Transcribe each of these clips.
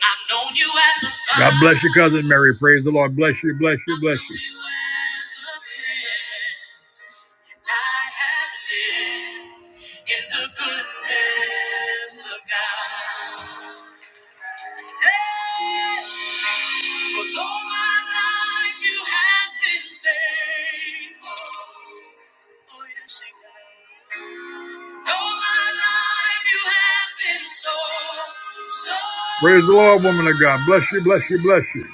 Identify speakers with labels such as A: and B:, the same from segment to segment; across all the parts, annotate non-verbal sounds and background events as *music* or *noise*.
A: I've known you as a friend. God bless you, cousin Mary. Praise the Lord. Bless you, bless you, bless you. so, so Praise the Lord, woman of God. Bless you, bless you, bless you.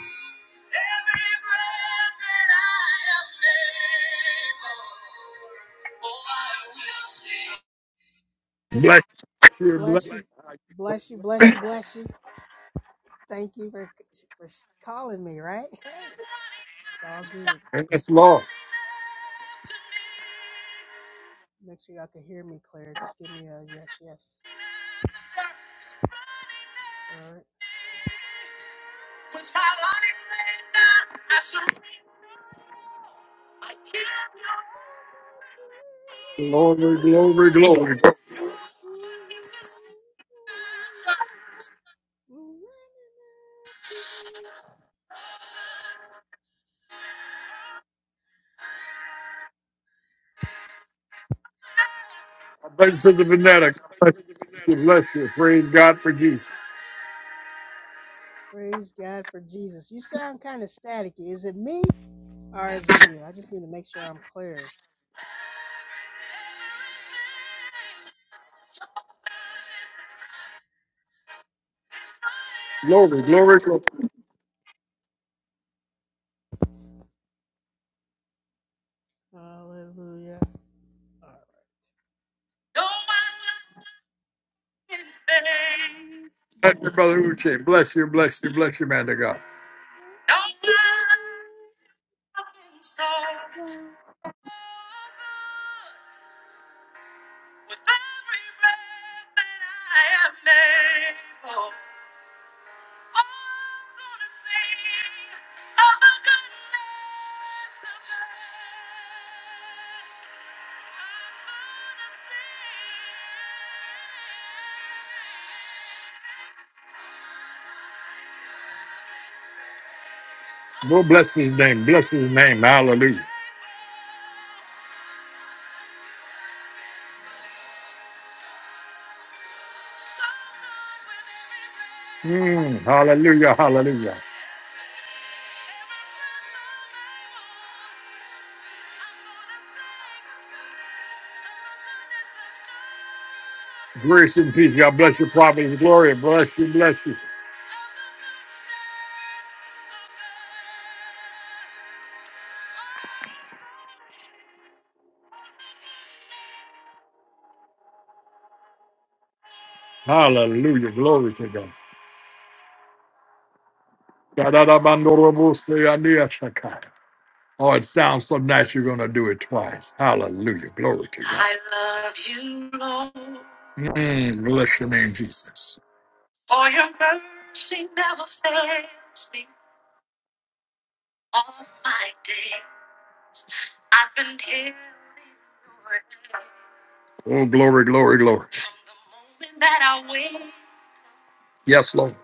A: Bless
B: Bless you. Bless you. Bless you. Bless you. Thank you for for calling me, right? *laughs* Hey, it's all good.
A: you. Yes,
B: Let's work.
A: Lord.
B: Make sure y'all can hear me clear. Just give me a yes, yes. All right.
A: Glory, glory, glory. God bless you, Sister Vanetta. God Bless you, bless you. Praise God for Jesus.
B: Praise God for Jesus. You sound kind of staticky. Is it me or is it you? I just need to make sure I'm clear.
A: Glory, glory, glory.
B: Hallelujah. All right.
A: Bless you, Brother Uche. Bless you, bless you, bless you, man of God.
B: So
A: Lord, bless his name. Bless his name. Hallelujah. Mm, hallelujah, hallelujah. Grace and peace. God bless you, prophet. Glory, bless you, bless you. Hallelujah, glory to God. *laughs* Da-da-da-ba-no-ro-bo-se-ya-ni-ya-sa-ka. Oh, it sounds so nice. You're going to do it twice. Hallelujah, glory to God. I love you, Lord. Mm, bless your name, Jesus. Oh, glory, glory, glory. Yes, Lord.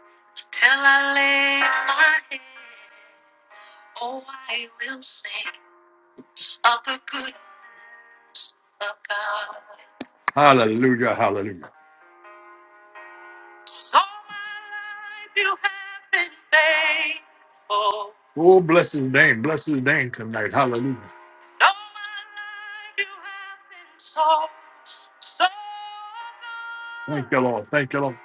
A: Hallelujah, hallelujah. Oh, bless his name. Bless his name tonight. Hallelujah. Thank you, Lord. Thank you, Lord.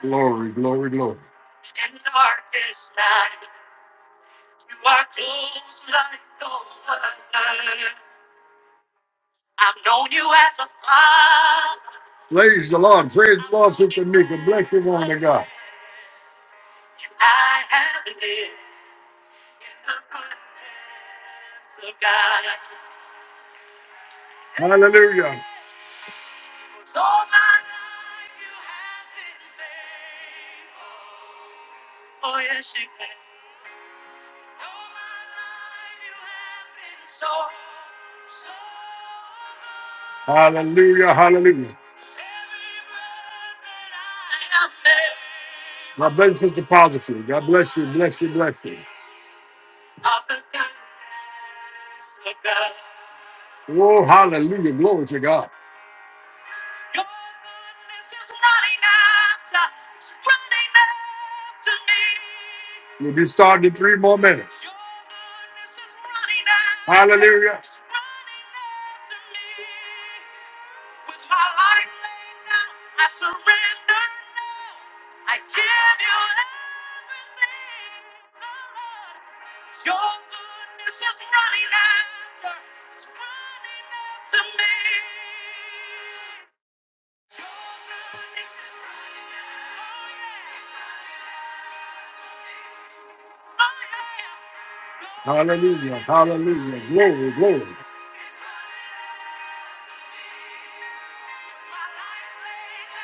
A: Glory, glory, glory. Praise the Lord. Praise the Lord, Sister Mika. Bless you, woman of God. Hallelujah. Hallelujah. Hallelujah. God bless Sister Positive. God bless you. Bless you. Bless you. Oh, hallelujah. Glory to God. We'll be starting in three more minutes. Hallelujah. Hallelujah. Hallelujah. Glory, glory.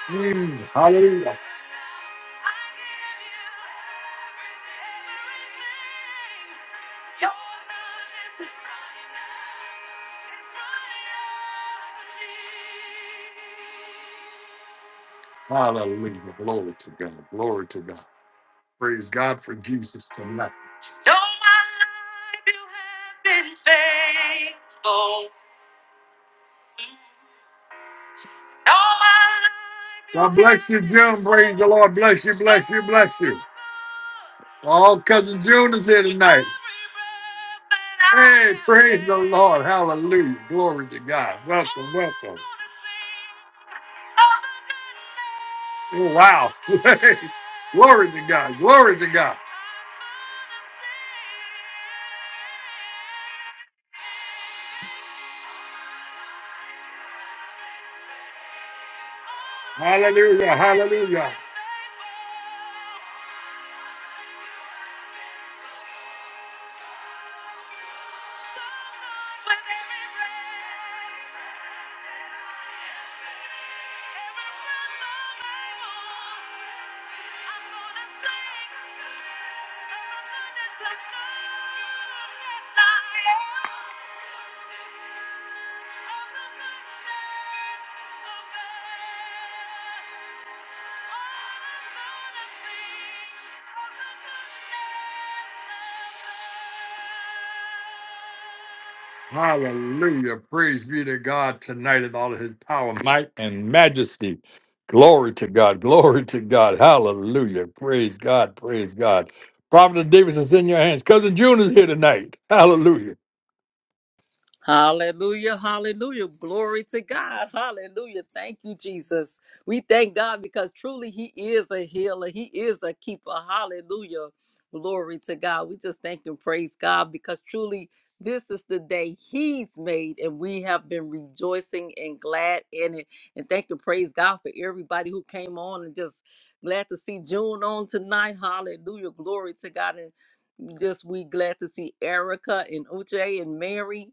A: Mm, hallelujah. Hallelujah. Glory to God. Glory to God. Praise God for Jesus tonight. God bless you, June. Praise the Lord. Bless you, bless you, bless you. All cousin June is here tonight. Hey, praise the Lord. Hallelujah. Glory to God. Welcome, welcome. Oh, wow. *laughs* Glory to God. Glory to God. Hallelujah. Hallelujah. Hallelujah. Praise be to God tonight in all of his power, might, and majesty. Glory to God. Glory to God. Hallelujah. Praise God. Praise God. Prophet Davis is in your hands. Cousin June is here tonight. Hallelujah.
C: Hallelujah, hallelujah. Glory to God. Hallelujah. Thank you, Jesus. We thank God because truly He is a healer, He is a keeper. Hallelujah. Glory to God. We just thank and praise God because truly this is the day He's made and we have been rejoicing and glad in it. And thank and praise God for everybody who came on and just glad to see June on tonight. Hallelujah. Glory to God just we glad to see Erica and Uche and Mary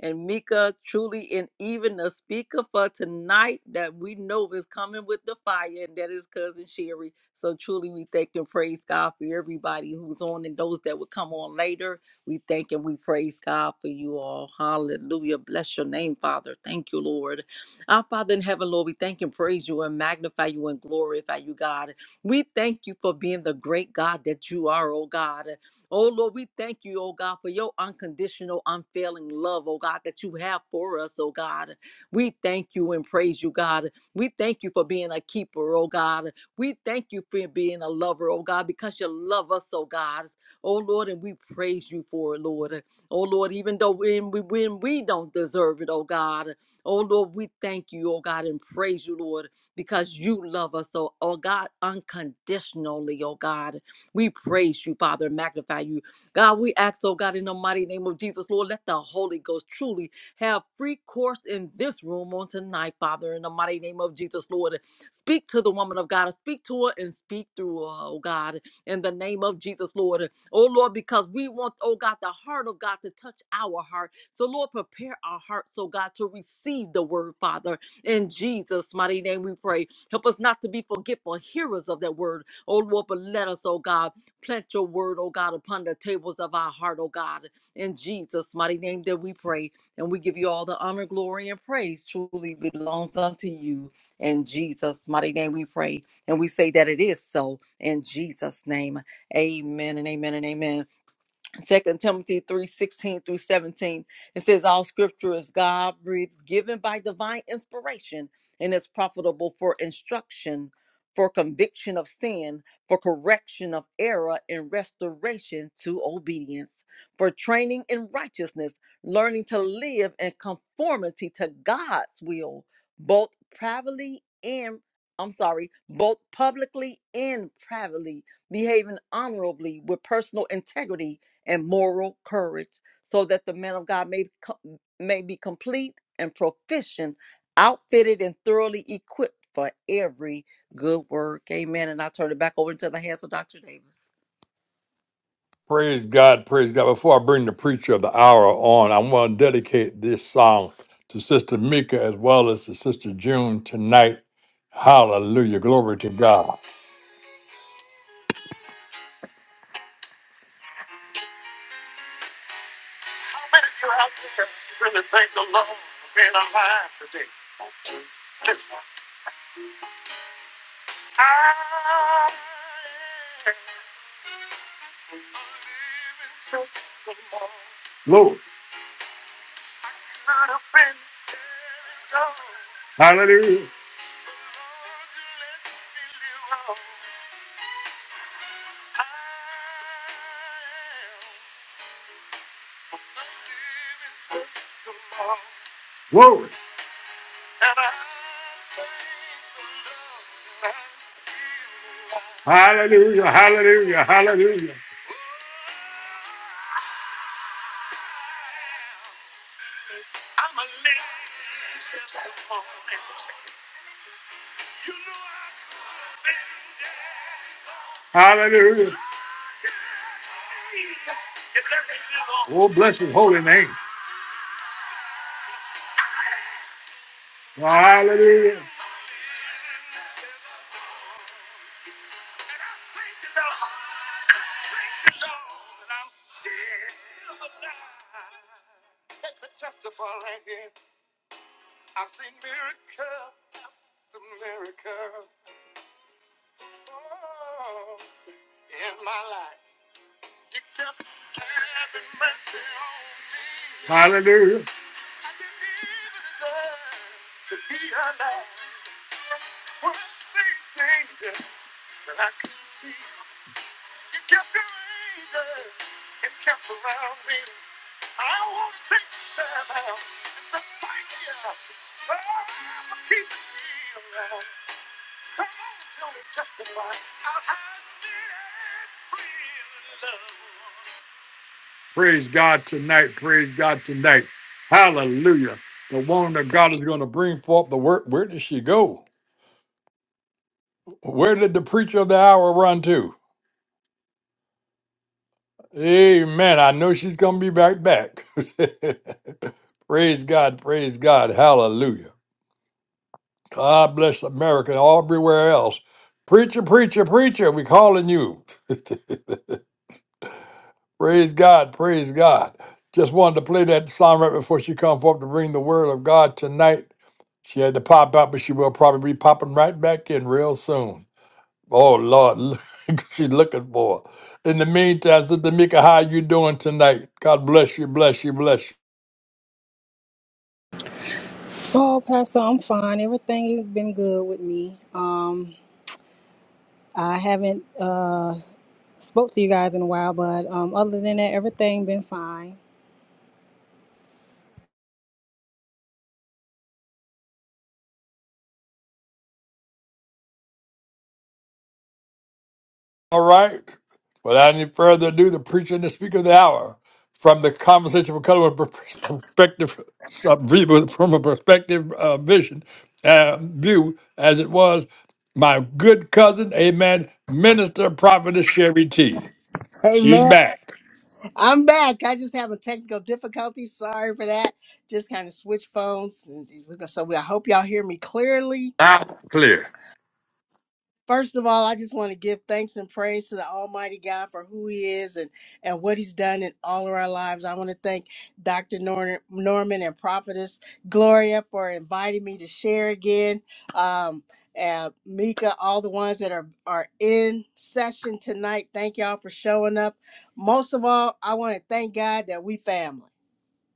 C: and Mika truly and even the speaker for tonight that we know is coming with the fire and that is cousin Sherry. So truly we thank and praise God for everybody who's on and those that will come on later. We thank and we praise God for you all. Hallelujah. Bless your name, Father. Thank you, Lord. Our Father in heaven, Lord, we thank and praise you and magnify you and glorify you, God. We thank you for being the great God that you are, oh God. Oh Lord, we thank you, oh God, for your unconditional, unfailing love, oh God, that you have for us, oh God. We thank you and praise you, God. We thank you for being a keeper, oh God. We thank you for being a lover, oh God, because you love us, oh God. Oh Lord, and we praise you for it, Lord. Oh Lord, even though when we when we don't deserve it, oh God. Oh Lord, we thank you, oh God, and praise you, Lord, because you love us, oh, oh God, unconditionally, oh God. We praise you, Father, and magnify you. God, we ask, oh God, in the mighty name of Jesus, Lord, let the Holy Ghost truly have free course in this room on tonight, Father, in the mighty name of Jesus, Lord. Speak to the woman of God, speak to her and speak through her, oh God, in the name of Jesus, Lord. Oh Lord, because we want, oh God, the heart of God to touch our heart. So, Lord, prepare our hearts, oh God, to receive the word, Father. In Jesus' mighty name we pray. Help us not to be forgetful hearers of that word Oh Lord, but let us, oh God, plant your word, oh God, upon the tables of our heart, oh God. In Jesus' mighty name that we pray. And we give you all the honor, glory, and praise truly belongs unto you. In Jesus' mighty name we pray. And we say that it is so in Jesus' name. Amen and amen and amen. Second Timothy three sixteen through 17. It says, All scripture is God breathed, given by divine inspiration, and is profitable for instruction, for conviction of sin, for correction of error, and restoration to obedience, for training in righteousness, learning to live in conformity to God's will, both privately and I'm sorry, both publicly and privately, behaving honorably with personal integrity and moral courage, so that the man of God may, co- may be complete and proficient, outfitted and thoroughly equipped for every good work. Amen. And I turn it back over into the hands of Dr. Davis.
A: Praise God, praise God. Before I bring the preacher of the hour on, I want to dedicate this song to Sister Mika as well as to Sister June tonight. Hallelujah. Glory to God. Glory. Hallelujah. Glory. Hallelujah. Hallelujah. Hallelujah. Hallelujah. Oh, bless his holy name. Hallelujah. Hallelujah. Praise God tonight. Praise God tonight. Hallelujah. The woman of God is going to bring forth the word. Where did she go? Where did the preacher of the hour run to? Amen. I know she's going to be right back. *laughs* praise God. Praise God. Hallelujah. God bless America and everywhere else. Preacher, preacher, preacher, we calling you. *laughs* Praise God, praise God. Just wanted to play that song right before she comes up to bring the word of God tonight. She had to pop out, but she will probably be popping right back in real soon. Oh Lord, *laughs* look, she's looking for. her. In the meantime, Sister Mika, how you doing tonight? God bless you, bless you, bless you.
D: Oh, Pastor, I'm fine. Everything has been good with me. Um, I haven't uh spoke to you guys in a while, but um, other than that, everything been fine.
A: All right. Without any further ado, the preacher and the speaker of the hour, from the conversation of color with per- perspective, some view- from a perspective uh, vision uh, view, as it was, my good cousin, amen, minister prophetess Sherry T. She's
E: Amen.
A: back.
E: I'm back. I just have a technical difficulty. Sorry for that. Just kind of switch phones. and- we're gonna- So I hope y'all hear me clearly.
A: Out clear.
E: First of all, I just want to give thanks and praise to the Almighty God for who He is and, and what He's done in all of our lives. I want to thank Dr. Nor- Norman and Prophetess Gloria for inviting me to share again. Um, uh, Mika, all the ones that are, are in session tonight, thank y'all for showing up. Most of all, I want to thank God that we family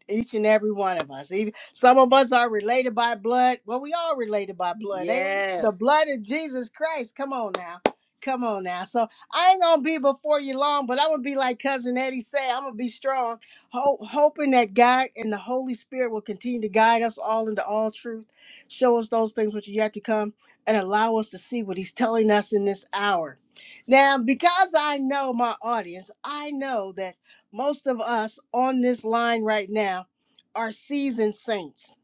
E: each and every one of us. Even some of us are related by blood. Well, we all related by blood, ain't we? The
C: Yes.
E: blood of Jesus Christ. Come on now. Come on now. So I ain't gonna be before you long, but I'm gonna be like cousin Eddie said. I'm gonna be strong, ho- hoping that God and the Holy Spirit will continue to guide us all into all truth, show us those things which are yet to come, and allow us to see what He's telling us in this hour. Now, because I know my audience, I know that most of us on this line right now are seasoned saints.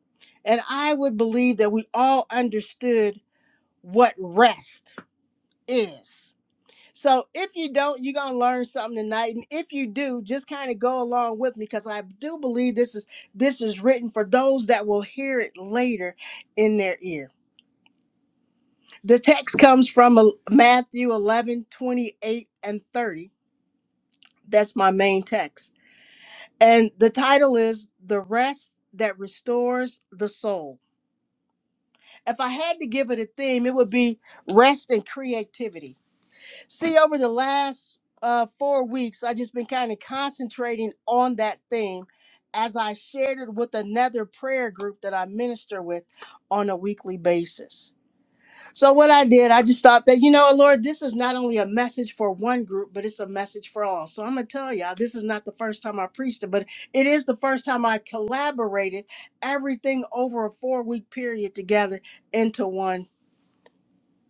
E: And I would believe that we all understood what rest is. So if you don't, you're going to learn something tonight. And if you do, just kind of go along with me because I do believe this is this is written for those that will hear it later in their ear. The text comes from uh, Matthew 11:28 and 30. That's my main text. And the title is The Rest That Restores the Soul. If I had to give it a theme, it would be rest and creativity. See, over the last uh, four weeks, I've just been kind of concentrating on that theme as I shared it with another prayer group that I minister with on a weekly basis. So what I did, I just thought that, you know, Lord, this is not only a message for one group, but it's a message for all. So I'm gonna tell y'all, this is not the first time I preached it, but it is the first time I collaborated everything over a four week period together into one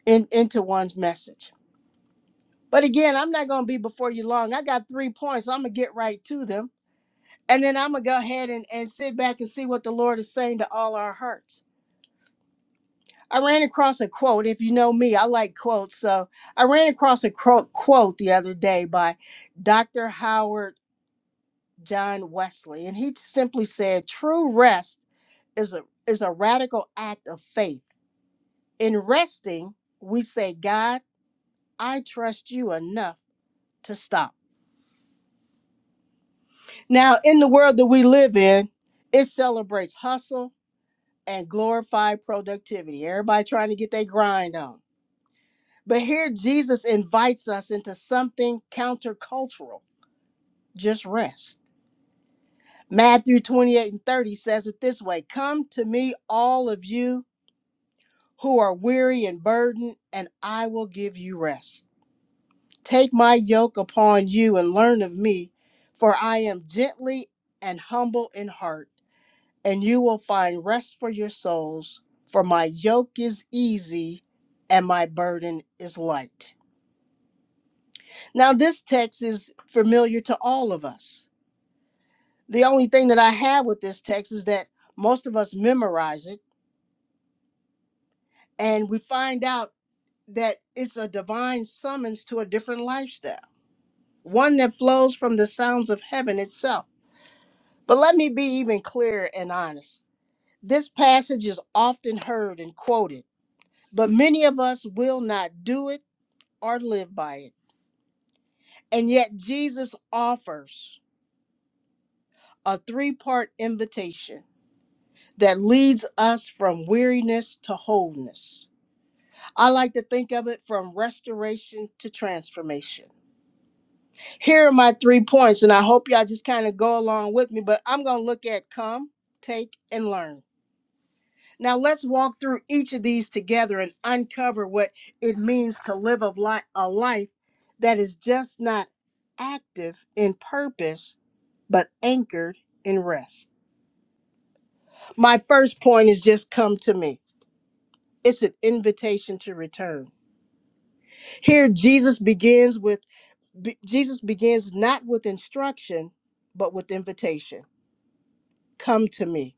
E: in, into one's message. But again, I'm not gonna be before you long. I got three points. so I'm gonna get right to them. And then I'm gonna go ahead and, and sit back and see what the Lord is saying to all our hearts. I ran across a quote. If you know me, I like quotes. So I ran across a quote, quote the other day by Dr. Howard John Wesley, and he simply said, "True rest is a is a radical act of faith. In resting, we say, God, I trust you enough to stop." Now, in the world that we live in, it celebrates hustle and glorified productivity. Everybody trying to get their grind on. But here Jesus invites us into something countercultural just rest. Matthew 28 and 30 says it this way Come to me, all of you who are weary and burdened, and I will give you rest. Take my yoke upon you and learn of me, for I am gently and humble in heart, and you will find rest for your souls, for my yoke is easy and my burden is light. Now, this text is familiar to all of us. The only thing that I have with this text is that most of us memorize it and we find out that it's a divine summons to a different lifestyle, one that flows from the sounds of heaven itself. But let me be even clearer and honest. This passage is often heard and quoted, but many of us will not do it or live by it. And yet, Jesus offers a three part invitation that leads us from weariness to wholeness. I like to think of it from restoration to transformation. Here are my three points, and I hope y'all just kind of go along with me, but I'm going to look at come, take, and learn. Now, let's walk through each of these together and uncover what it means to live a, li- a life that is just not active in purpose, but anchored in rest. My first point is just come to me. It's an invitation to return. Here, Jesus begins with be- Jesus begins not with instruction, but with invitation. Come to me.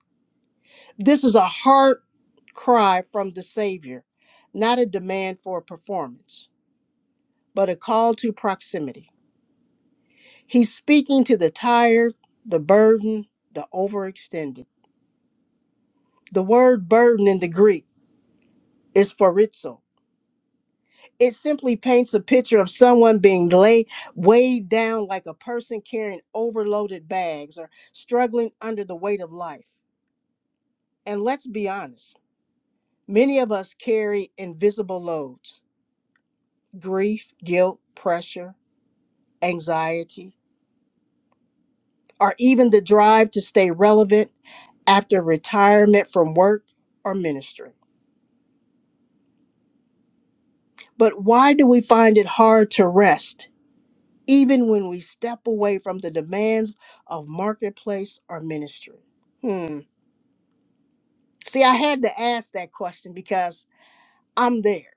E: This is a heart cry from the Savior, not a demand for a performance, but a call to proximity. He's speaking to the tired, the burdened, the overextended. The word burden in the Greek is phorizo, it simply paints a picture of someone being laid weighed down like a person carrying overloaded bags or struggling under the weight of life. And let's be honest, many of us carry invisible loads, grief, guilt, pressure, anxiety, or even the drive to stay relevant after retirement from work or ministry. But why do we find it hard to rest? even when we step away from the demands of marketplace or ministry? Hmm. See, I had to ask that question because I'm there.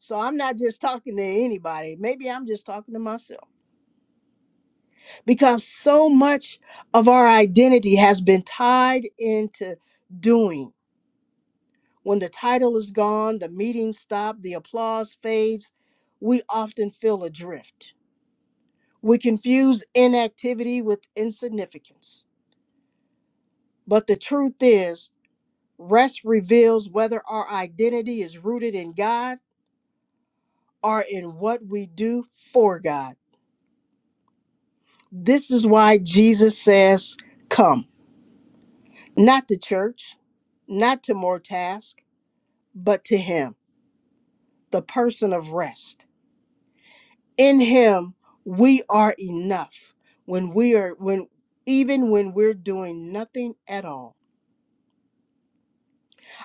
E: So I'm not just talking to anybody. Maybe I'm just talking to myself because so much of our identity has been tied into doing. When the title is gone, the meeting stops, the applause fades, we often feel adrift. We confuse inactivity with insignificance. But the truth is, Rest reveals whether our identity is rooted in God or in what we do for God. This is why Jesus says, Come, not to church, not to more task, but to Him, the person of rest. In Him, we are enough when we are, when even when we're doing nothing at all.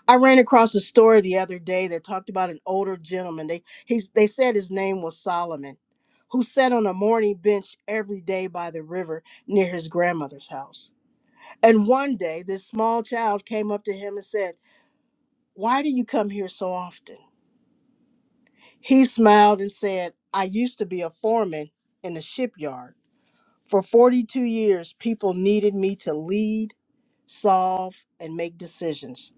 E: I ran across a story the other day that talked about an older gentleman. They he's they said his name was Solomon, who sat on a morning bench every day by the river near his grandmother's house. And one day this small child came up to him and said, "Why do you come here so often?" He smiled and said, "I used to be a foreman in the shipyard. For 42 years people needed me to lead, solve, and make decisions.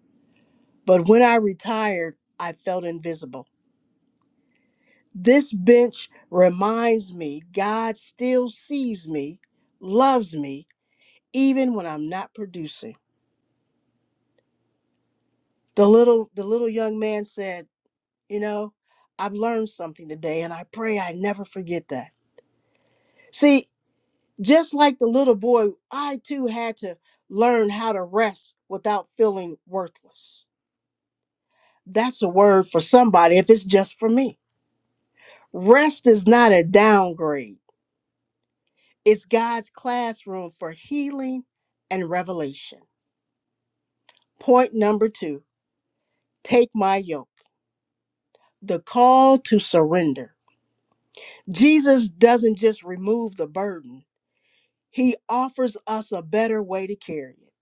E: But when I retired, I felt invisible." This bench reminds me God still sees me, loves me, even when I'm not producing. The little the little young man said, you know, I've learned something today and I pray I never forget that. See, just like the little boy, I too had to learn how to rest without feeling worthless. That's a word for somebody if it's just for me. Rest is not a downgrade. It's God's classroom for healing and revelation. Point number two take my yoke, the call to surrender. Jesus doesn't just remove the burden, he offers us a better way to carry it.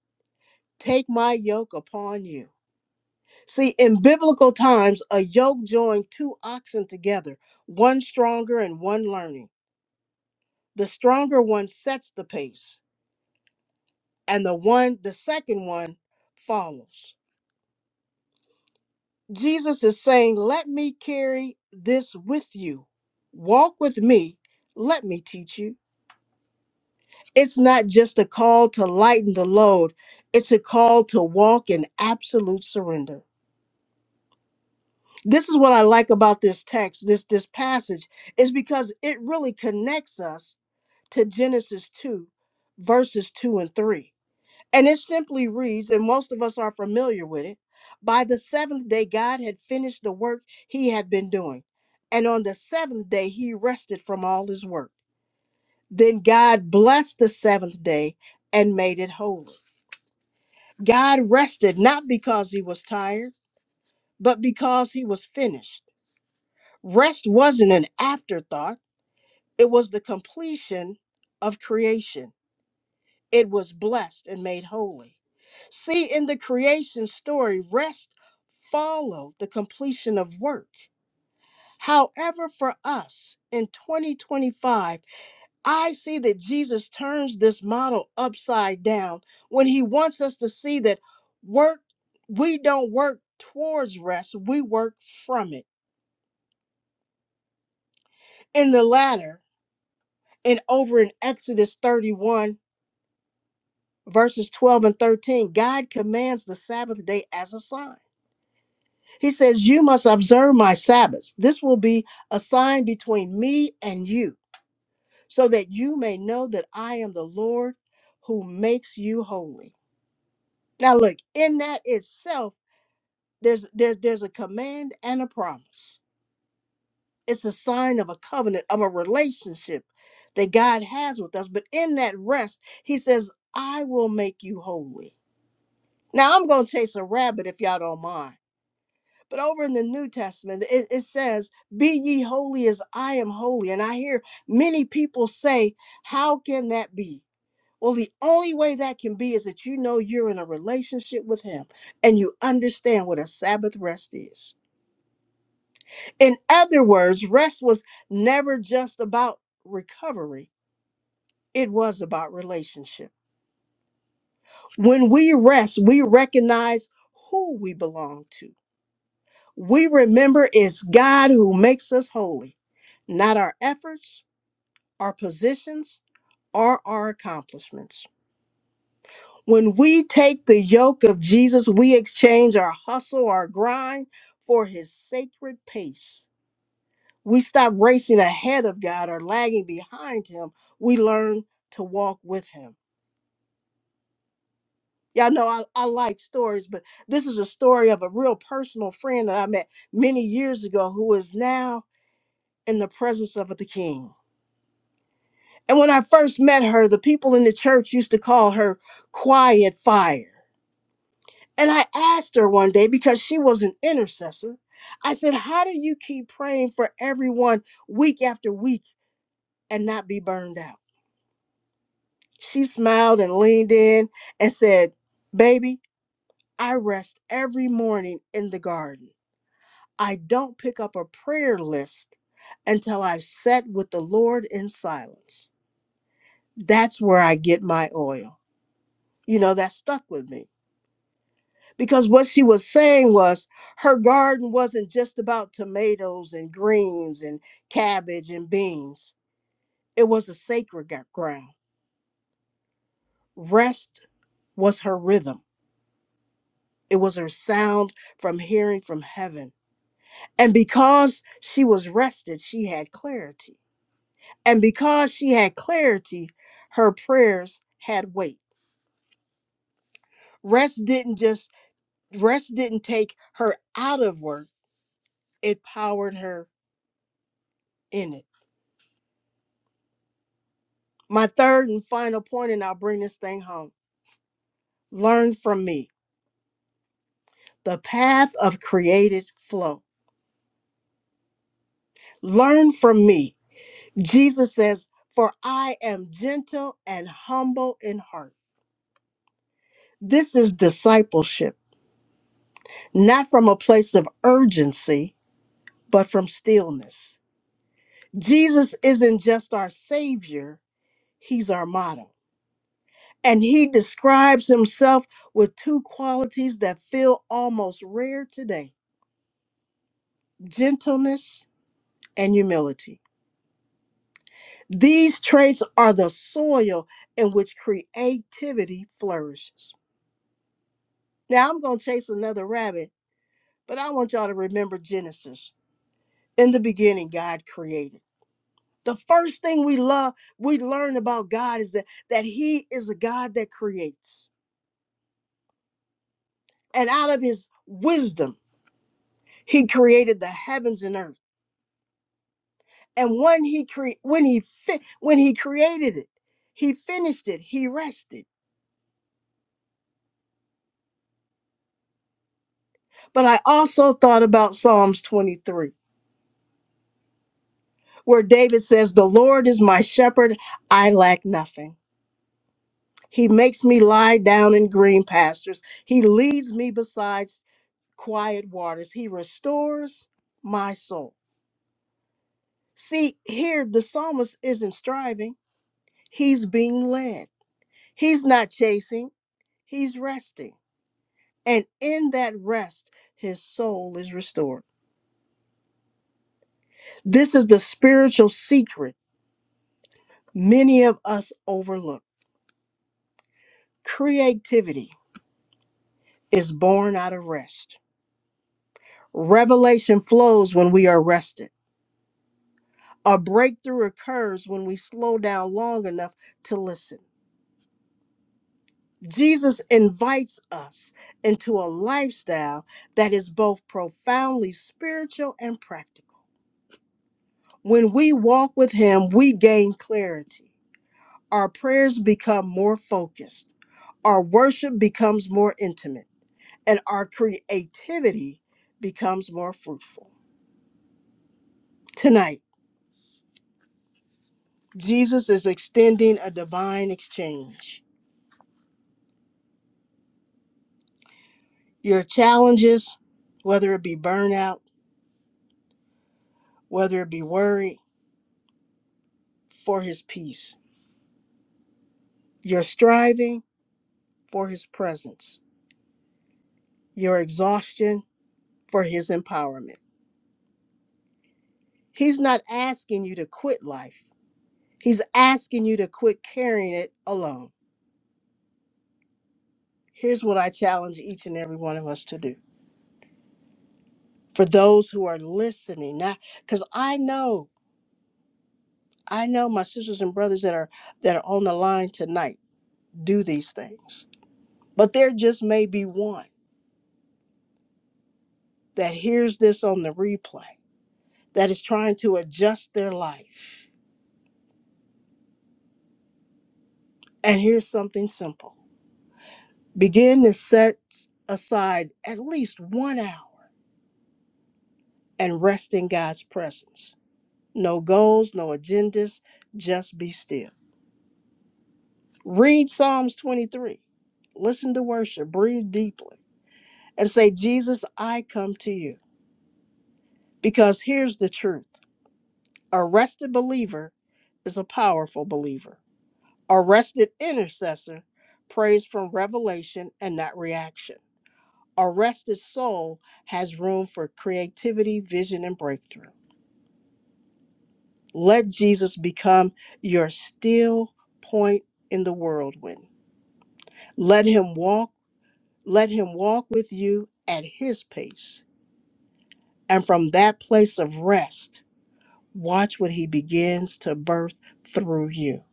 E: Take my yoke upon you. See, in biblical times, a yoke joined two oxen together, one stronger and one learning. The stronger one sets the pace, and the one, the second one, follows. Jesus is saying, Let me carry this with you. Walk with me. Let me teach you. It's not just a call to lighten the load, it's a call to walk in absolute surrender. This is what I like about this text, this, this passage, is because it really connects us to Genesis 2, verses 2 and 3 And it simply reads, and most of us are familiar with it by the seventh day, God had finished the work he had been doing. And on the seventh day, he rested from all his work. Then God blessed the seventh day and made it holy. God rested not because he was tired, but because he was finished. Rest wasn't an afterthought, it was the completion of creation. It was blessed and made holy. See, in the creation story, rest followed the completion of work. However, for us in 2025, I see that Jesus turns this model upside down when he wants us to see that work, we don't work towards rest, we work from it. In the latter, and over in Exodus 31, verses 12 and 13, God commands the Sabbath day as a sign. He says, You must observe my Sabbaths. This will be a sign between me and you, so that you may know that I am the Lord who makes you holy. Now look, in that itself, there's there's there's a command and a promise. It's a sign of a covenant, of a relationship that God has with us. But in that rest, he says, I will make you holy. Now I'm gonna chase a rabbit if y'all don't mind But over in the New Testament, it, it says, Be ye holy as I am holy. And I hear many people say, How can that be? Well, the only way that can be is that you know you're in a relationship with Him and you understand what a Sabbath rest is. In other words, rest was never just about recovery, it was about relationship. When we rest, we recognize who we belong to We remember it's God who makes us holy, not our efforts, our positions, or our accomplishments. When we take the yoke of Jesus, we exchange our hustle, our grind for his sacred pace. We stop racing ahead of God or lagging behind him. We learn to walk with him. Y'all know I, I like stories, but this is a story of a real personal friend that I met many years ago who is now in the presence of the king. And when I first met her, the people in the church used to call her Quiet Fire. And I asked her one day because she was an intercessor. I said, How do you keep praying for everyone week after week and not be burned out? She smiled and leaned in and said, Baby, I rest every morning in the garden. I don't pick up a prayer list until I've sat with the Lord in silence. That's where I get my oil. You know, that stuck with me because what she was saying was her garden wasn't just about tomatoes and greens and cabbage and beans. It was a sacred gr- ground. Rest was her rhythm, it was her sound from hearing from heaven. And because she was rested, she had clarity. And because she had clarity, her prayers had weight. Rest didn't just rest didn't take her out of work, it powered her in it My third and final point, and I'll bring this thing home. Learn from me the path of created flow. Learn from me. Jesus says, For I am gentle and humble in heart. This is discipleship, not from a place of urgency, but from stillness. Jesus isn't just our Savior, He's our model. And He describes Himself with two qualities that feel almost rare today gentleness and humility. These traits are the soil in which creativity flourishes. Now I'm going to chase another rabbit, but I want y'all to remember Genesis. In the beginning, God created. The first thing we love, we learn about God is that, that He is a God that creates. And out of His wisdom, He created the heavens and earth. And when He cre- when He fi- when He created it, He finished it. He rested. But I also thought about Psalms 23, where David says, The Lord is my shepherd, I lack nothing. He makes me lie down in green pastures, He leads me beside quiet waters, He restores my soul. See, here the psalmist isn't striving, he's being led. He's not chasing, he's resting. And in that rest, his soul is restored. This is the spiritual secret many of us overlook Creativity is born out of rest. Revelation flows when we are rested. A breakthrough occurs when we slow down long enough to listen. Jesus invites us into a lifestyle that is both profoundly spiritual and practical. When we walk with Him, we gain clarity. Our prayers become more focused, our worship becomes more intimate, and our creativity becomes more fruitful. Tonight, Jesus is extending a divine exchange. Your challenges, whether it be burnout, whether it be worry, for his peace. Your striving, for his presence. Your exhaustion, for his empowerment. He's not asking you to quit life, he's asking you to quit carrying it alone. Here's what I challenge each and every one of us to do. For those who are listening, not because I know, I know my sisters and brothers that are that are on the line tonight do these things. But there just may be one that hears this on the replay that is trying to adjust their life. And here's something simple begin to set aside at least one hour and rest in God's presence. No goals, no agendas, just be still. Read Psalms 23, listen to worship, breathe deeply, and say, Jesus, I come to you. Because here's the truth a rested believer is a powerful believer. Arrested intercessor prays from revelation and not reaction. Arrested soul has room for creativity, vision, and breakthrough. Let Jesus become your still point in the whirlwind. Let him walk, let him walk with you at his pace. And from that place of rest, watch what he begins to birth through you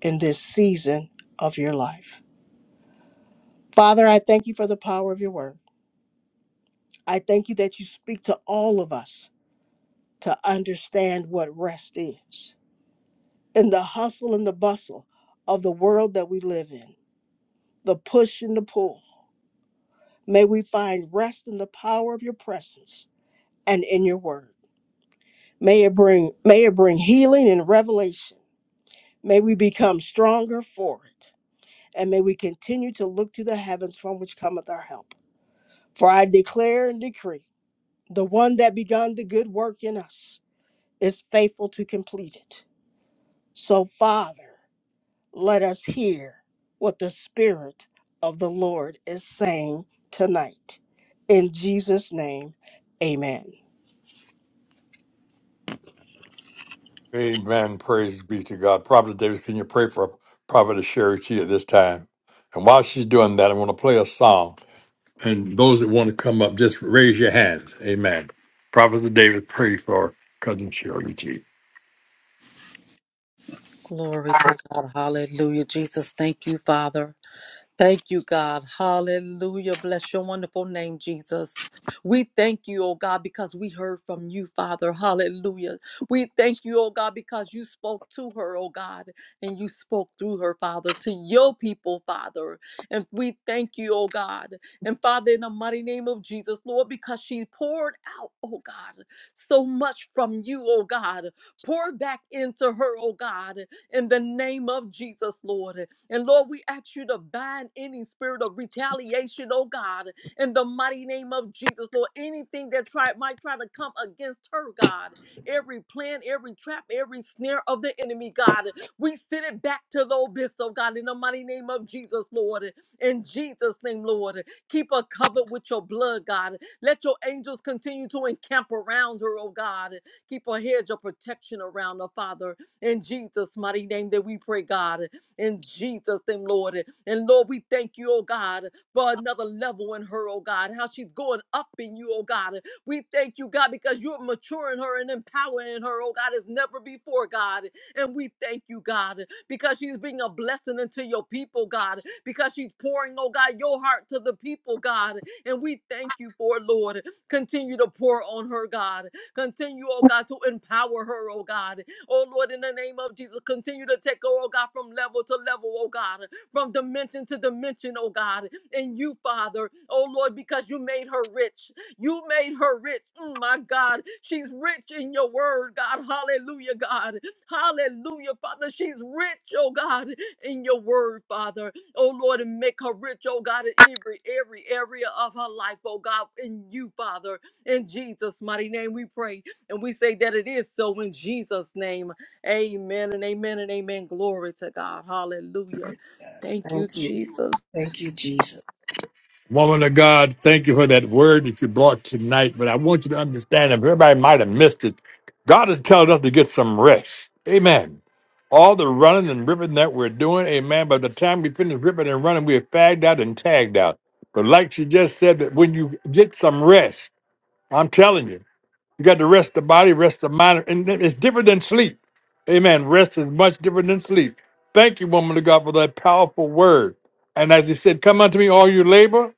E: in this season of your life. Father, I thank you for the power of your word. I thank you that you speak to all of us to understand what rest is. In the hustle and the bustle of the world that we live in, the push and the pull, may we find rest in the power of your presence and in your word. May it bring may it bring healing and revelation. May we become stronger for it. And may we continue to look to the heavens from which cometh our help. For I declare and decree the one that begun the good work in us is faithful to complete it. So, Father, let us hear what the Spirit of the Lord is saying tonight. In Jesus' name, amen.
A: Amen. Praise be to God. Prophet Davis, can you pray for prophetess Sherry T at this time? And while she's doing that, I want to play a song. And those that want to come up, just raise your hand. Amen. Prophet David, pray for Cousin Shirley G.
C: Glory to God. Hallelujah. Jesus, thank you, Father. Thank you, God. Hallelujah. Bless your wonderful name, Jesus. We thank you, oh God, because we heard from you, Father. Hallelujah. We thank you, oh God, because you spoke to her, oh God, and you spoke through her, Father, to your people, Father. And we thank you, oh God. And Father, in the mighty name of Jesus, Lord, because she poured out, oh God, so much from you, oh God. Pour back into her, oh God, in the name of Jesus, Lord. And Lord, we ask you to bind any spirit of retaliation, oh God, in the mighty name of Jesus. Lord, anything that try, might try to come against her, God, every plan, every trap, every snare of the enemy, God, we send it back to the abyss, oh God, in the mighty name of Jesus, Lord. In Jesus' name, Lord, keep her covered with your blood, God. Let your angels continue to encamp around her, oh God. Keep her hedge of protection around her, Father. In Jesus' mighty name that we pray, God in Jesus' name, Lord. And and Lord, we thank you, oh God, for another level in her, oh God, how she's going up in you, oh God. We thank you, God, because you're maturing her and empowering her, oh God, as never before, God. And we thank you, God, because she's being a blessing unto your people, God, because she's pouring, oh God, your heart to the people, God. And we thank you for it, Lord. Continue to pour on her, God. Continue, oh God, to empower her, oh God. Oh Lord, in the name of Jesus, continue to take her, oh God, from level to level, oh God, from dimension to dimension, oh God. In you, Father, oh Lord, because you made her rich. You made her rich. Mm, my God, she's rich in your word, God. Hallelujah, God. Hallelujah, Father. She's rich, oh God, in your word, Father. Oh Lord, and make her rich, oh God, in every every area of her life, oh God, in you, Father. In Jesus' mighty name we pray. And we say that it is so in Jesus' name. Amen and amen and amen. Glory to God. Hallelujah. Thank you,
E: Thank you.
C: Jesus.
E: Thank you, Jesus.
A: Woman of God, thank you for that word that you brought tonight. But I want you to understand, if everybody might have missed it, God is telling us to get some rest. Amen. All the running and ripping that we're doing, amen. By the time we finish ripping and running, we are fagged out and tagged out. But like she just said, that when you get some rest, I'm telling you. You got to rest the body, rest the mind, and it's different than sleep. Amen. Rest is much different than sleep. Thank you, woman of God, for that powerful word. And as he said, come unto me, all you labor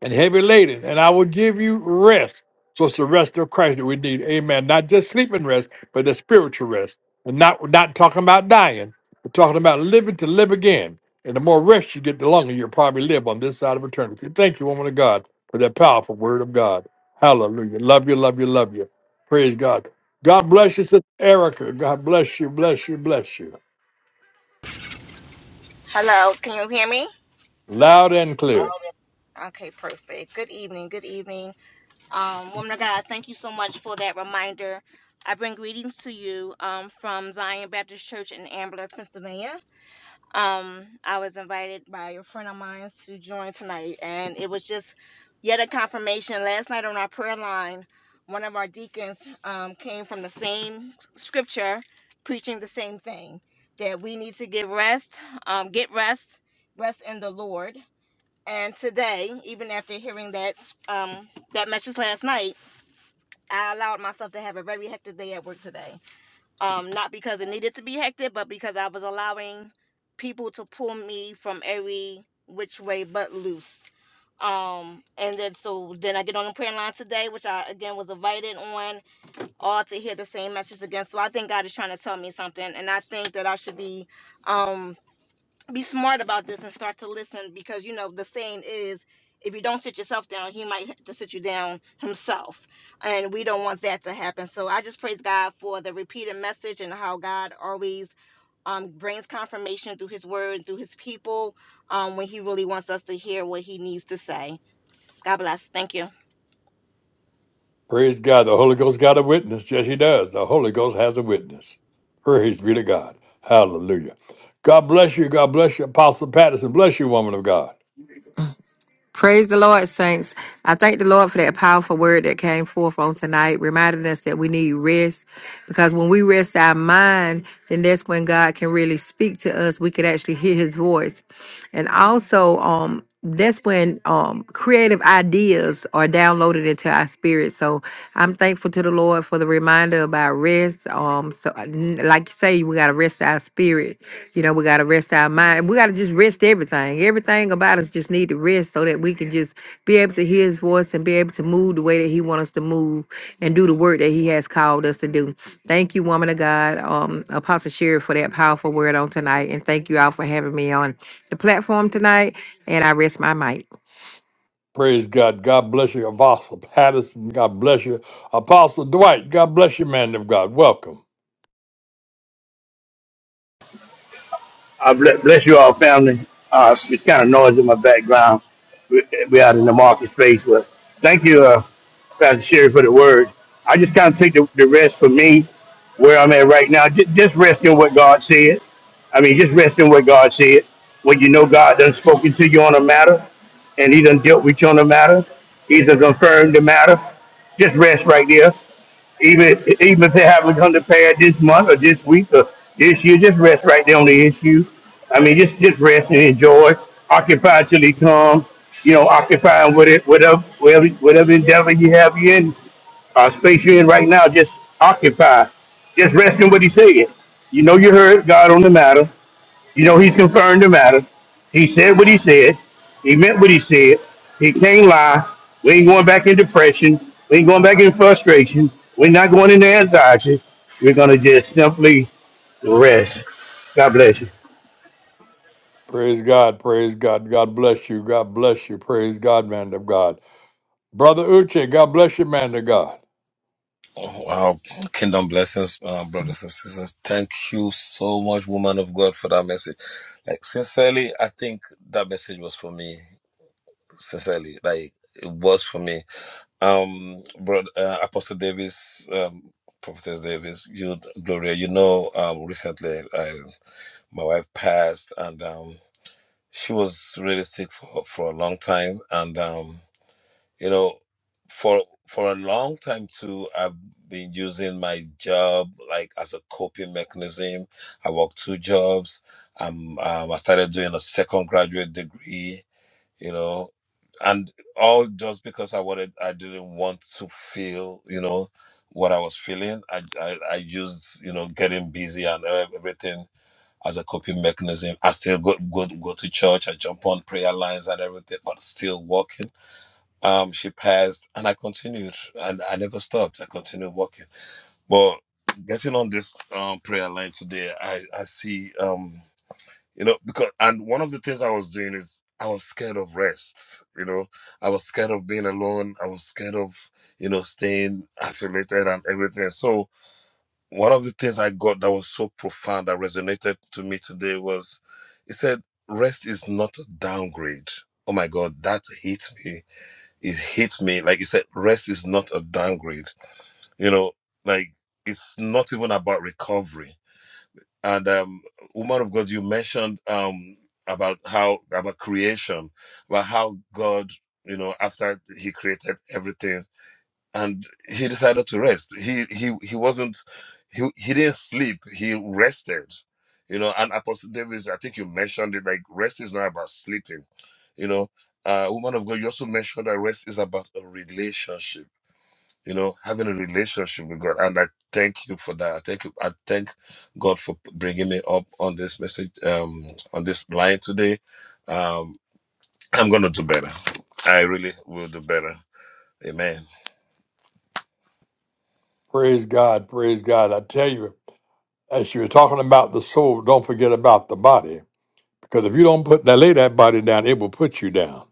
A: and heavy laden, and I will give you rest. So it's the rest of Christ that we need. Amen. Not just sleeping rest, but the spiritual rest. And not we're not talking about dying, but talking about living to live again. And the more rest you get, the longer you'll probably live on this side of eternity. Thank you, woman of God, for that powerful word of God. Hallelujah. Love you, love you, love you. Praise God. God bless you, Sister Erica. God bless you, bless you, bless you.
F: Hello, can you hear me?
A: Loud and clear.
F: Okay, perfect. Good evening. Good evening. Um, woman of God, thank you so much for that reminder. I bring greetings to you um, from Zion Baptist Church in Ambler, Pennsylvania. Um, I was invited by a friend of mine to join tonight, and it was just yet a confirmation. Last night on our prayer line, one of our deacons um, came from the same scripture preaching the same thing that we need to get rest, um, get rest, rest in the Lord and today, even after hearing that um, that message last night, I allowed myself to have a very hectic day at work today. Um, not because it needed to be hectic, but because I was allowing people to pull me from every which way but loose. Um, and then so then I get on the prayer line today, which I again was invited on, all to hear the same message again. So I think God is trying to tell me something, and I think that I should be um be smart about this and start to listen because you know the saying is if you don't sit yourself down he might have to sit you down himself and we don't want that to happen so i just praise god for the repeated message and how god always um, brings confirmation through his word and through his people um, when he really wants us to hear what he needs to say god bless thank you
A: Praise God. The Holy Ghost got a witness. Yes, he does. The Holy Ghost has a witness. Praise be to God. Hallelujah. God bless you. God bless you, Apostle Patterson. Bless you, woman of God.
G: Praise the Lord, saints. I thank the Lord for that powerful word that came forth on tonight, reminding us that we need rest because when we rest our mind, then that's when God can really speak to us. We can actually hear his voice. And also, um, that's when um, creative ideas are downloaded into our spirit. So I'm thankful to the Lord for the reminder about rest is. Um, so uh, n- like you say, we gotta rest our spirit. You know, we gotta rest our mind. We gotta just rest everything. Everything about us just need to rest so that we can just be able to hear His voice and be able to move the way that He wants us to move and do the work that He has called us to do. Thank you, woman of God, um, Apostle Sherry, for that powerful word on tonight, and thank you all for having me on the platform tonight. And I rest my mic.
A: Praise God. God bless you, Apostle Patterson. God bless you, Apostle Dwight. God bless you, man of God. Welcome.
H: I ble- bless you all, family. Uh, it's kind of noise in my background. We- we out in the market space. But thank you, uh, Pastor Sherry, for the word. I just kind of take the, the rest for me, where I'm at right now. Just, just rest in what God said. I mean, just rest in what God said. When you know God done spoken to you on a matter, and He done dealt with you on a matter, He's done confirmed the matter. Just rest right there even even if they haven't come to pass this month or this week or this year, just rest right there on the issue. I mean, just just rest and enjoy, occupy till he comes. You know, occupying with it, whatever whatever whatever endeavor you have you in, uh, space you're in right now, just occupy, just rest in what he said. You know, you heard God on the matter. You know, he's confirmed the matter. He said what he said. He meant what he said. He can't lie. We ain't going back in depression. We ain't going back in frustration. We're not going into anxiety. We're going to just simply rest. God bless you.
A: Praise God. Praise God. God bless you. God bless you. Praise God, man of God. Brother Uche, God bless you, man of God.
I: Oh, Wow, kingdom blessings, uh, brothers and sisters. Thank you so much, woman of God, for that message. Like, sincerely, I think that message was for me. Sincerely, like, it was for me. Um, bro, uh, Apostle Davis, um, Prophetess Davis, you, Gloria, you know, um, recently, I, my wife passed and, um, she was really sick for, for a long time. And, um, you know for for a long time too i've been using my job like as a coping mechanism i work two jobs um, um i started doing a second graduate degree you know and all just because i wanted i didn't want to feel you know what i was feeling i i, I used you know getting busy and ev- everything as a coping mechanism i still go, go go to church i jump on prayer lines and everything but still working um, she passed, and I continued, and I never stopped. I continued walking. But getting on this um, prayer line today, I I see, um, you know, because and one of the things I was doing is I was scared of rest. You know, I was scared of being alone. I was scared of you know staying isolated and everything. So one of the things I got that was so profound that resonated to me today was, it said, rest is not a downgrade. Oh my God, that hit me it hit me. Like you said, rest is not a downgrade. You know, like it's not even about recovery. And um, woman of God, you mentioned um about how about creation, about how God, you know, after He created everything and he decided to rest. He he he wasn't he he didn't sleep. He rested, you know. And Apostle Davis, I think you mentioned it. Like rest is not about sleeping, you know. Uh, woman of God, you also mentioned that rest is about a relationship. You know, having a relationship with God, and I thank you for that. I thank you. I thank God for bringing me up on this message, um, on this line today. Um, I'm gonna do better. I really will do better. Amen.
A: Praise God. Praise God. I tell you, as you were talking about the soul, don't forget about the body. Because if you don't put that lay that body down, it will put you down.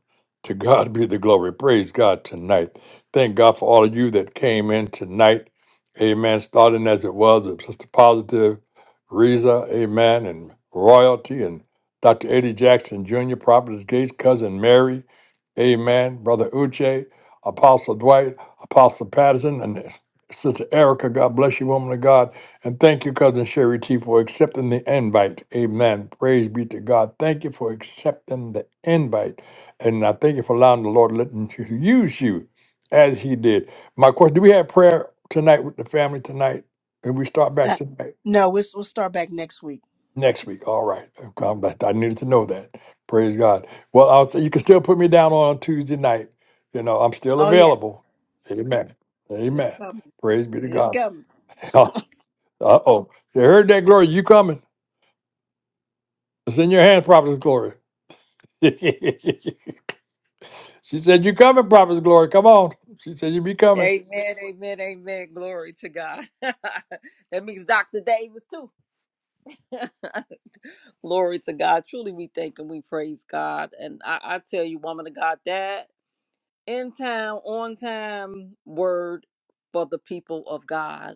A: To God be the glory. Praise God tonight. Thank God for all of you that came in tonight. Amen. Starting as it was with Sister Positive, Reza, Amen, and Royalty, and Dr. Eddie Jackson Jr., Prophetess Gates, Cousin Mary, Amen, Brother Uche, Apostle Dwight, Apostle Patterson, and Sister Erica. God bless you, woman of God. And thank you, Cousin Sherry T, for accepting the invite. Amen. Praise be to God. Thank you for accepting the invite. And I thank you for allowing the Lord to let him use you as he did. My question, do we have prayer tonight with the family tonight? And we start back
E: Ah,
A: tonight,
E: No, we'll, we'll start back next week.
A: next week. All right. I'm glad- I needed to know that. Praise God. Well, I'll say you can still put me down on Tuesday night. You know, I'm still
E: Oh, yeah,
A: available. Amen.
E: it's
A: Amen.
E: coming.
A: Praise be to
E: It's
A: God. *laughs*
E: coming. *laughs*
A: Uh oh. You heard that, Glory? You coming? It's in your hand, Prophetess Glory. *laughs* she said, You coming, Prophetess Glory. Come on. She said, You be coming.
C: Amen, amen, amen. Glory to God. *laughs* that means Dr. Davis, too. *laughs* Glory to God. Truly, we thank and we praise God. And I, I tell you, woman of God, that. in time, on time word for the people of God.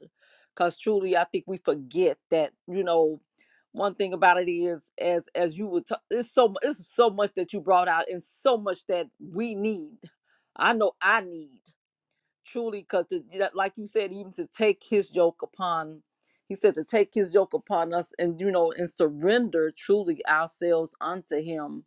C: Because truly, I think we forget that, you know, one thing about it is as as you were, talk it's so mu- it's so much that you brought out and so much that we need i know i need truly because like you said even to take his yoke upon he said to take his yoke upon us and you know and surrender truly ourselves unto him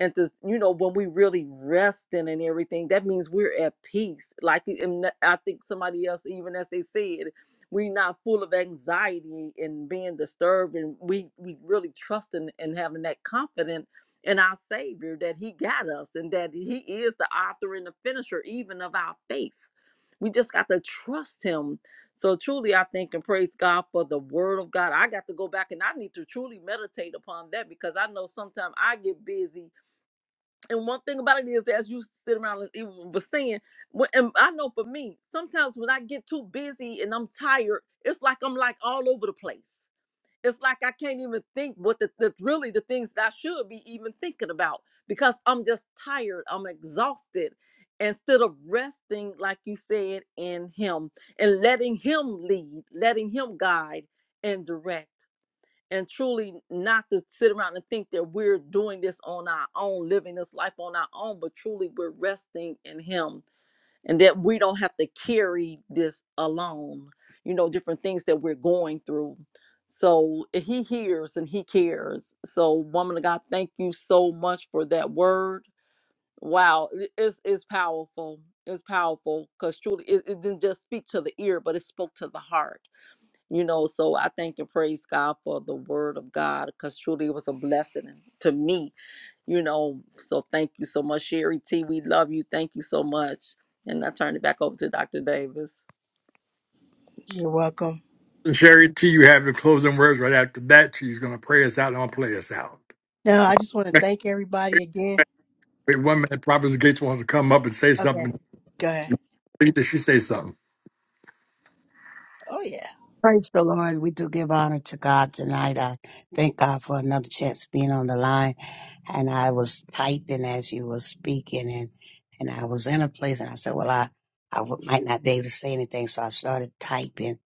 C: and to you know when we really resting and everything that means we're at peace like e, and that- i think somebody else even as they said we're not full of anxiety and being disturbed and we we really trusting and having that confidence in our savior that he got us and that he is the author and the finisher even of our faith we just got to trust him so truly i thank and praise god for the word of god i got to go back and i need to truly meditate upon that because i know sometimes i get busy and one thing about it is that as you sit around and even was saying, when, and I know for me, sometimes when I get too busy and I'm tired, it's like I'm like all over the place. It's like I can't even think what the, the really the things that I should be even thinking about because I'm just tired. I'm exhausted. Instead of resting, like you said, in Him and letting Him lead, letting Him guide and direct and truly not to sit around and think that we're doing this on our own, living this life on our own, but truly we're resting in Him and that we don't have to carry this alone, you know, different things that we're going through. So eh, He hears and He cares. So, woman of God, thank you so much for that word. Wow, it- it's, it's powerful. It's powerful because truly it, it didn't just speak to the ear, but it spoke to the heart you know so i thank and praise god for the word of god because truly it was a blessing to me you know so thank you so much sherry t we love you thank you so much and i turn it back over to dr davis
E: You're welcome.
A: And Sherry T, you have the closing words right after that. She's going to pray us out and I'll play us out.
E: Now, I just want
A: *laughs*
E: to
A: Wait
E: thank everybody again.
A: one minute, Prophetess Gates wants to come up and say
E: Okay,
A: something.
E: go ahead.
A: Did she say something?
E: Oh, yeah.
J: Praise the Lord. We do give honor to God tonight. I thank God for another chance of being on the line. And I was typing as you were speaking and, and I was in a place and I said, well, I, I w- might not be able to say anything. So I started typing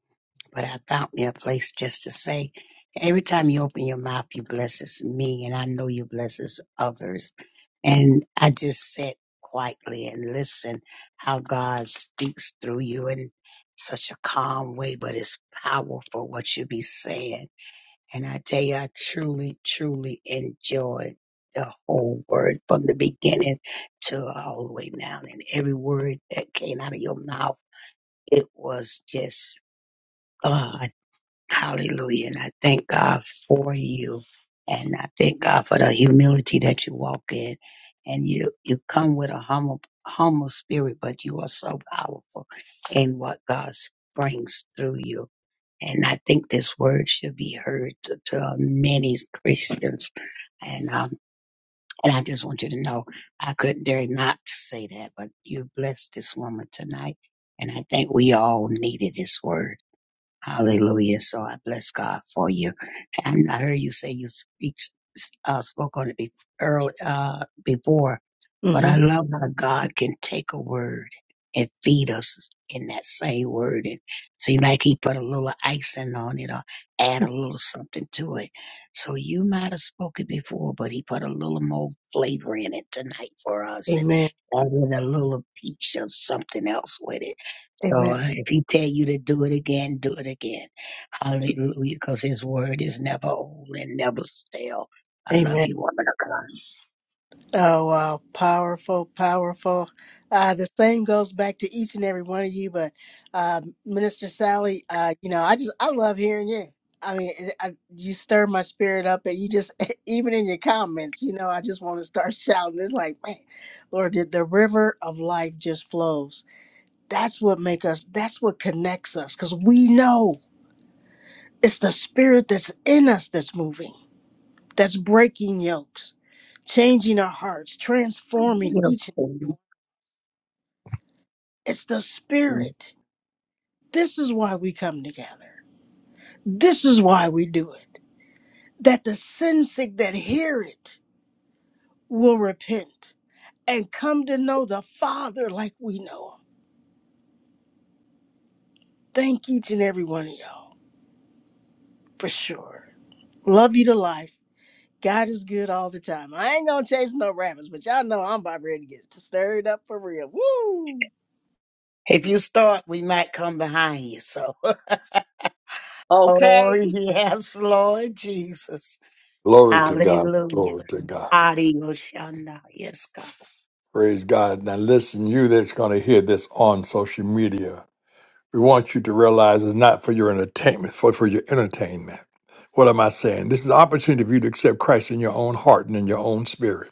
J: but I found me a place just to say, every time you open your mouth, you blesses me, and I know you blesses others. And I just sit quietly and listen how God speaks through you in such a calm way, but it's powerful what you be saying. And I tell you, I truly, truly enjoyed the whole word from the beginning to all the way down. And every word that came out of your mouth, it was just God. Hallelujah. And I thank God for you. And I thank God for the humility that you walk in. And you, you come with a humble, humble spirit, but you are so powerful in what God brings through you. And I think this word should be heard to, to many Christians. And, um, and I just want you to know, I couldn't dare not to say that, but you blessed this woman tonight. And I think we all needed this word. Hallelujah. So I bless God for you. And I heard you say you speak, uh, spoke on it bef- early, uh, before, but
E: hmm
J: I love how God can take a word and feed us in that same word. And seem like he put a little icing on it or add a little something to it. So you might have spoken before, but he put a little more flavor in it tonight for us and
E: Amen.
J: added a little peach or something else with it. So
E: Amen.
J: uh, if he tell you to do it again, do it again. Hallelujah, because his word is never old and never stale. I love
E: Amen.
J: you, woman
E: Oh, wow. Powerful, powerful. Uh, the same goes back to each and every one of you. But uh, Minister Sally, uh, you know, I just, I love hearing you. I mean, it- I, you stir my spirit up, and you just, *laughs* even in your comments, you know, I just want to start *laughs* shouting. It's like, man, Lord, the, the river of life just flows. That's what make us, that's what connects us, because we know it's the spirit that's in us that's moving, that's breaking yokes, changing our hearts,
J: of
E: transforming
J: God.
E: each. It's the spirit. This is why we come together. This is why we do it. That the sin sick that hear it will repent and come to know the Father like we know him. Thank each and every one of y'all for sure. Love you to life. God is good all the time. I ain't gonna chase no rabbits, but y'all know I'm about ready to get stirred up for real. Woo!
J: If you start, we might come behind you. So, *laughs* oh
C: okay
J: yes, Lord Jesus,
A: Glory to God.
J: Hallelujah,
A: Glory to God.
J: Adios, Shanda. Yes, God.
A: Praise God. Now, listen, you that's going to hear this on social media. We want you to realize it's not for your entertainment, for, for your entertainment. What am I saying? This is an opportunity for you to accept Christ in your own heart and in your own spirit.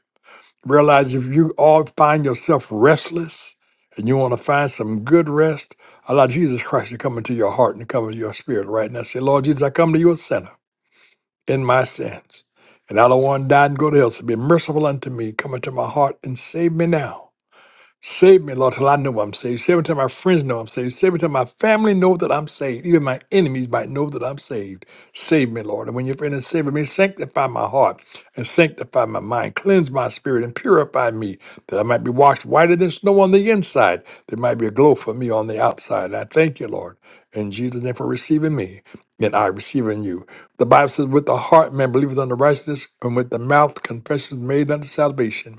A: Realize if you all find yourself restless and you want to find some good rest, allow Jesus Christ to come into your heart and come into your spirit right now. Say, Lord Jesus, I come to you a sinner in my sins. And I don't want to die and go to hell. So be merciful unto me. Come into my heart and save me now. Save me, Lord, till I know I'm saved. Save me till my friends know I'm saved. Save me till my family know that I'm saved. Even my enemies might know that I'm saved. Save me, Lord. And when you're finished saving me, sanctify my heart and sanctify my mind. Cleanse my spirit and purify me that I might be washed whiter than snow on the inside. There might be a glow for me on the outside. And I thank you, Lord, in Jesus' name for receiving me and I receiving you. The Bible says, with the heart man believeth unto righteousness and with the mouth confession is made unto salvation.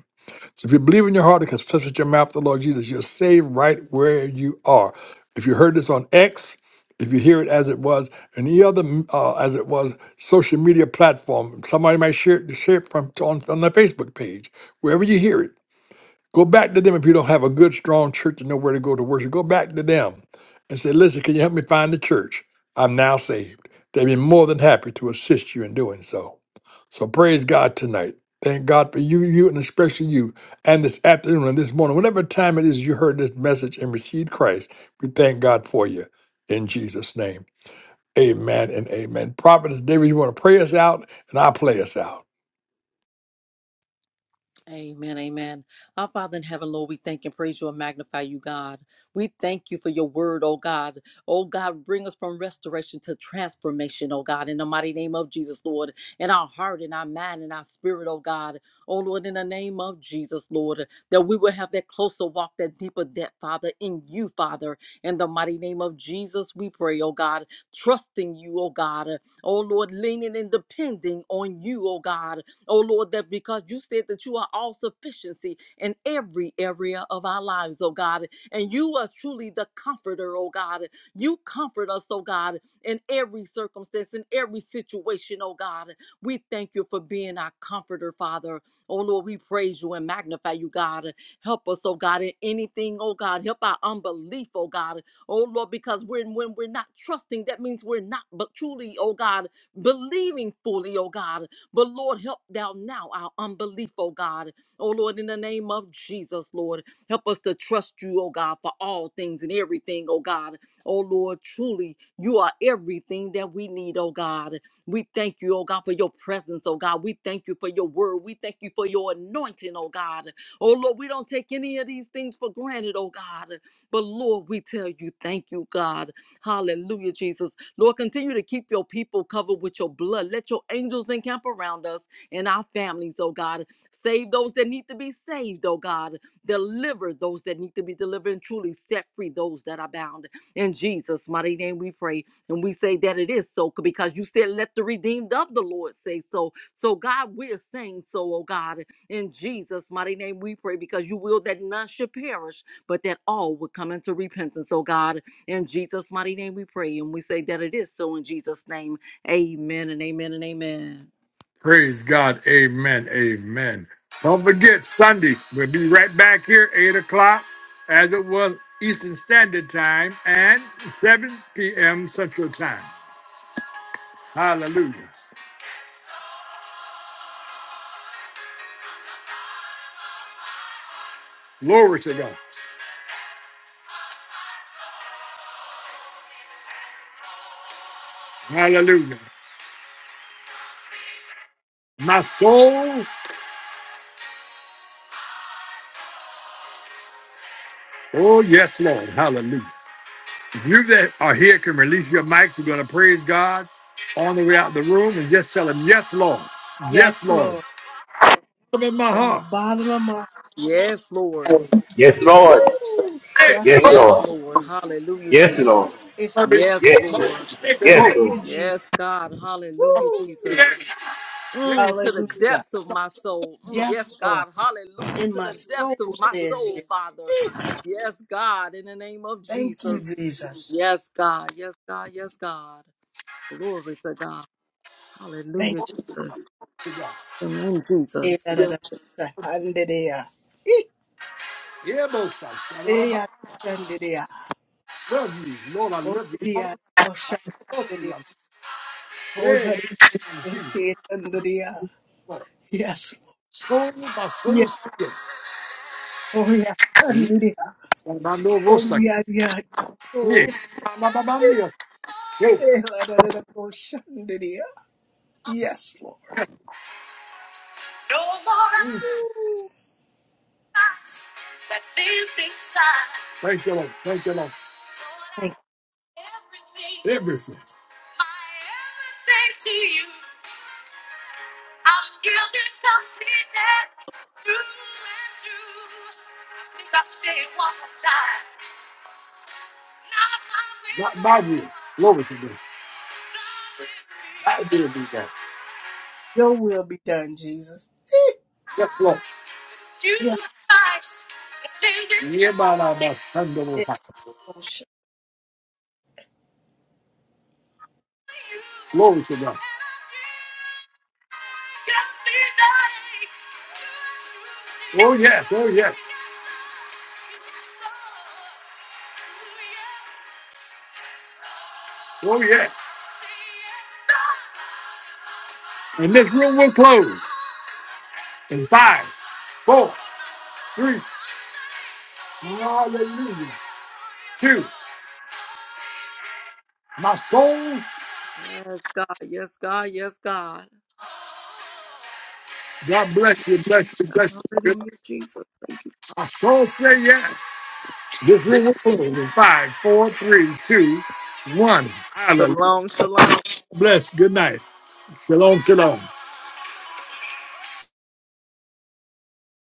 A: So if you believe in your heart and confess with your mouth the Lord Jesus, you're saved right where you are. If you heard this on X, if you hear it as it was, any other mm, uh, as it was social media platform, somebody might share it, share it from on, on their Facebook page, wherever you hear it. Go back to them if you don't have a good, strong church to know where to go to worship. Go back to them and say, Listen, can you help me find the church? I'm now saved. They'd be more than happy to assist you in doing so. So praise God tonight. Thank God for you, you, and especially you, and this afternoon and this morning. Whatever time it is you heard this message and received Christ, we thank God for you in Jesus' name. Amen and amen. Prophetess David, you want to pray us out and I'll play us out.
C: Amen, amen. Our Father in heaven, Lord, we thank and praise you and magnify you, God. We thank you for your word, oh God. Oh God, bring us from restoration to transformation, oh God, in the mighty name of Jesus, Lord, in our heart, in our mind, in our spirit, oh God. Oh Lord, in the name of Jesus, Lord, that we will have that closer walk, that deeper depth, Father, in you, Father. In the mighty name of Jesus, we pray, oh God, trusting you, oh God. Oh Lord, leaning and depending on you, oh God oh Lord, that because you said that you are all sufficiency in every area of our lives, oh God, and you are truly the comforter, oh God. You comfort us, oh God, in every circumstance, in every situation, oh God. We thank you for being our comforter, Father. Oh Lord, we praise you and magnify you, God. Help us, oh God, in anything, oh God. Help our unbelief, oh God. Oh Lord, because when, when we're not trusting, that means we're not but truly, oh God, believing fully, oh God. But Lord, help thou now our unbelief, oh God. Oh Lord, in the name of Jesus, Lord, help us to trust you, oh God, for all things and everything, oh God. Oh Lord, truly, you are everything that we need, oh God. We thank you, oh God, for your presence, oh God. We thank you for your word. We thank you for your anointing, oh God. Oh Lord, we don't take any of these things for granted, oh God. But Lord, we tell you, thank you, God. Hallelujah, Jesus. Lord, continue to keep your people covered with your blood. Let your angels encamp around us and our families, oh God. Save those that need to be saved, oh God. Deliver those that need to be delivered and truly set free those that are bound. In Jesus' mighty name we pray. And we say that it is so because you said, let the redeemed of the Lord say so. So, God, we're saying so, oh God. In Jesus' mighty name we pray because you will that none should perish, but that all would come into repentance, oh God. In Jesus' mighty name we pray and we say that it is so in Jesus' name. Amen and amen and amen.
A: Praise God. Amen. Amen. Don't forget, Sunday, we'll be right back here, 8 o'clock, as it was Eastern Standard Time and 7 p.m. Central Time. Hallelujah. Glory to God. Hallelujah. My soul, oh yes, Lord, hallelujah. You that are here can release your mics. We're going to praise God on the way out the room and just tell Him, yes, Lord, yes,
E: Yes,
A: Lord.
E: Lord.
A: Come in my
E: From the
A: heart.
E: bottom of my
C: Yes, Lord.
H: Yes, Lord.
E: woo.
A: Hey,
E: Yes,
H: Yes,
E: Lord.
C: Yes,
H: Lord.
C: Lord. Hallelujah,
H: Yes,
C: Jesus.
H: Lord.
E: it's
A: baby.
C: Yes,
H: Yes. Lord.
C: Lord.
A: Thank you, Lord.
E: thank
H: Yes, Lord.
E: you, Jesus.
C: Yes, God. Hallelujah,
E: Woo!
C: Jesus. Mm, to the
E: Hallelujah.
C: depths of my soul. Mm,
E: Yes,
C: yes,
E: Lord.
C: God. Hallelujah.
E: And
C: To
E: my
C: the
E: soul
C: depths of my
E: says
C: soul,
E: yes.
C: Father. Yes, God. In the name of
E: Thank you,
C: Jesus.
E: Jesus.
C: Yes, God. Yes, God. Yes, God. Glory to God.
E: Thank
C: Hallelujah, Jesus. Amen,
E: you.
C: Jesus.
E: Hallelujah. Eh, eh, hallelujah. Hallelujah.
A: I Love you, Lord. I love you. Lord, I
E: Hallelujah.
A: love you. Hey,
E: Hallelujah.
A: Jesus,
E: Hallelujah.
A: Lord.
E: Yes. Yes.
A: Soul, my
E: Yeah,
A: soul, yes.
E: Oh, yes.
A: And
E: Hallelujah.
A: I know
E: Oh,
A: what's like.
E: yeah, yeah.
A: Yeah.
E: Oh,
A: My, my, my, my,
E: eh,
A: yeah. Hey,
E: eh, Hallelujah. Yes, Lord.
A: mm. Thank you, Lord. Thank you, Lord.
E: Thank you.
A: Everything. Not Bible. Glory to God. I did do that.
E: Your will be done, Jesus. Eh,
A: Yes, Lord. Hear my loud mouth. Turn the Lord's
E: Yes.
A: Glory to God. Oh, yes. Oh, yes. Oh, yes. And this room will close in five, four, three. Hallelujah. Two. My soul,
C: Yes, God. Yes, God. Yes, God.
A: God bless you, bless you, bless
C: God.
A: you.
C: Hallelujah, Jesus. Thank you.
A: My soul say yes. This room will close in five, four, three, two, one. Hallelujah.
C: Shalom, shalom.
A: Bless. Good night. Shalom, shalom.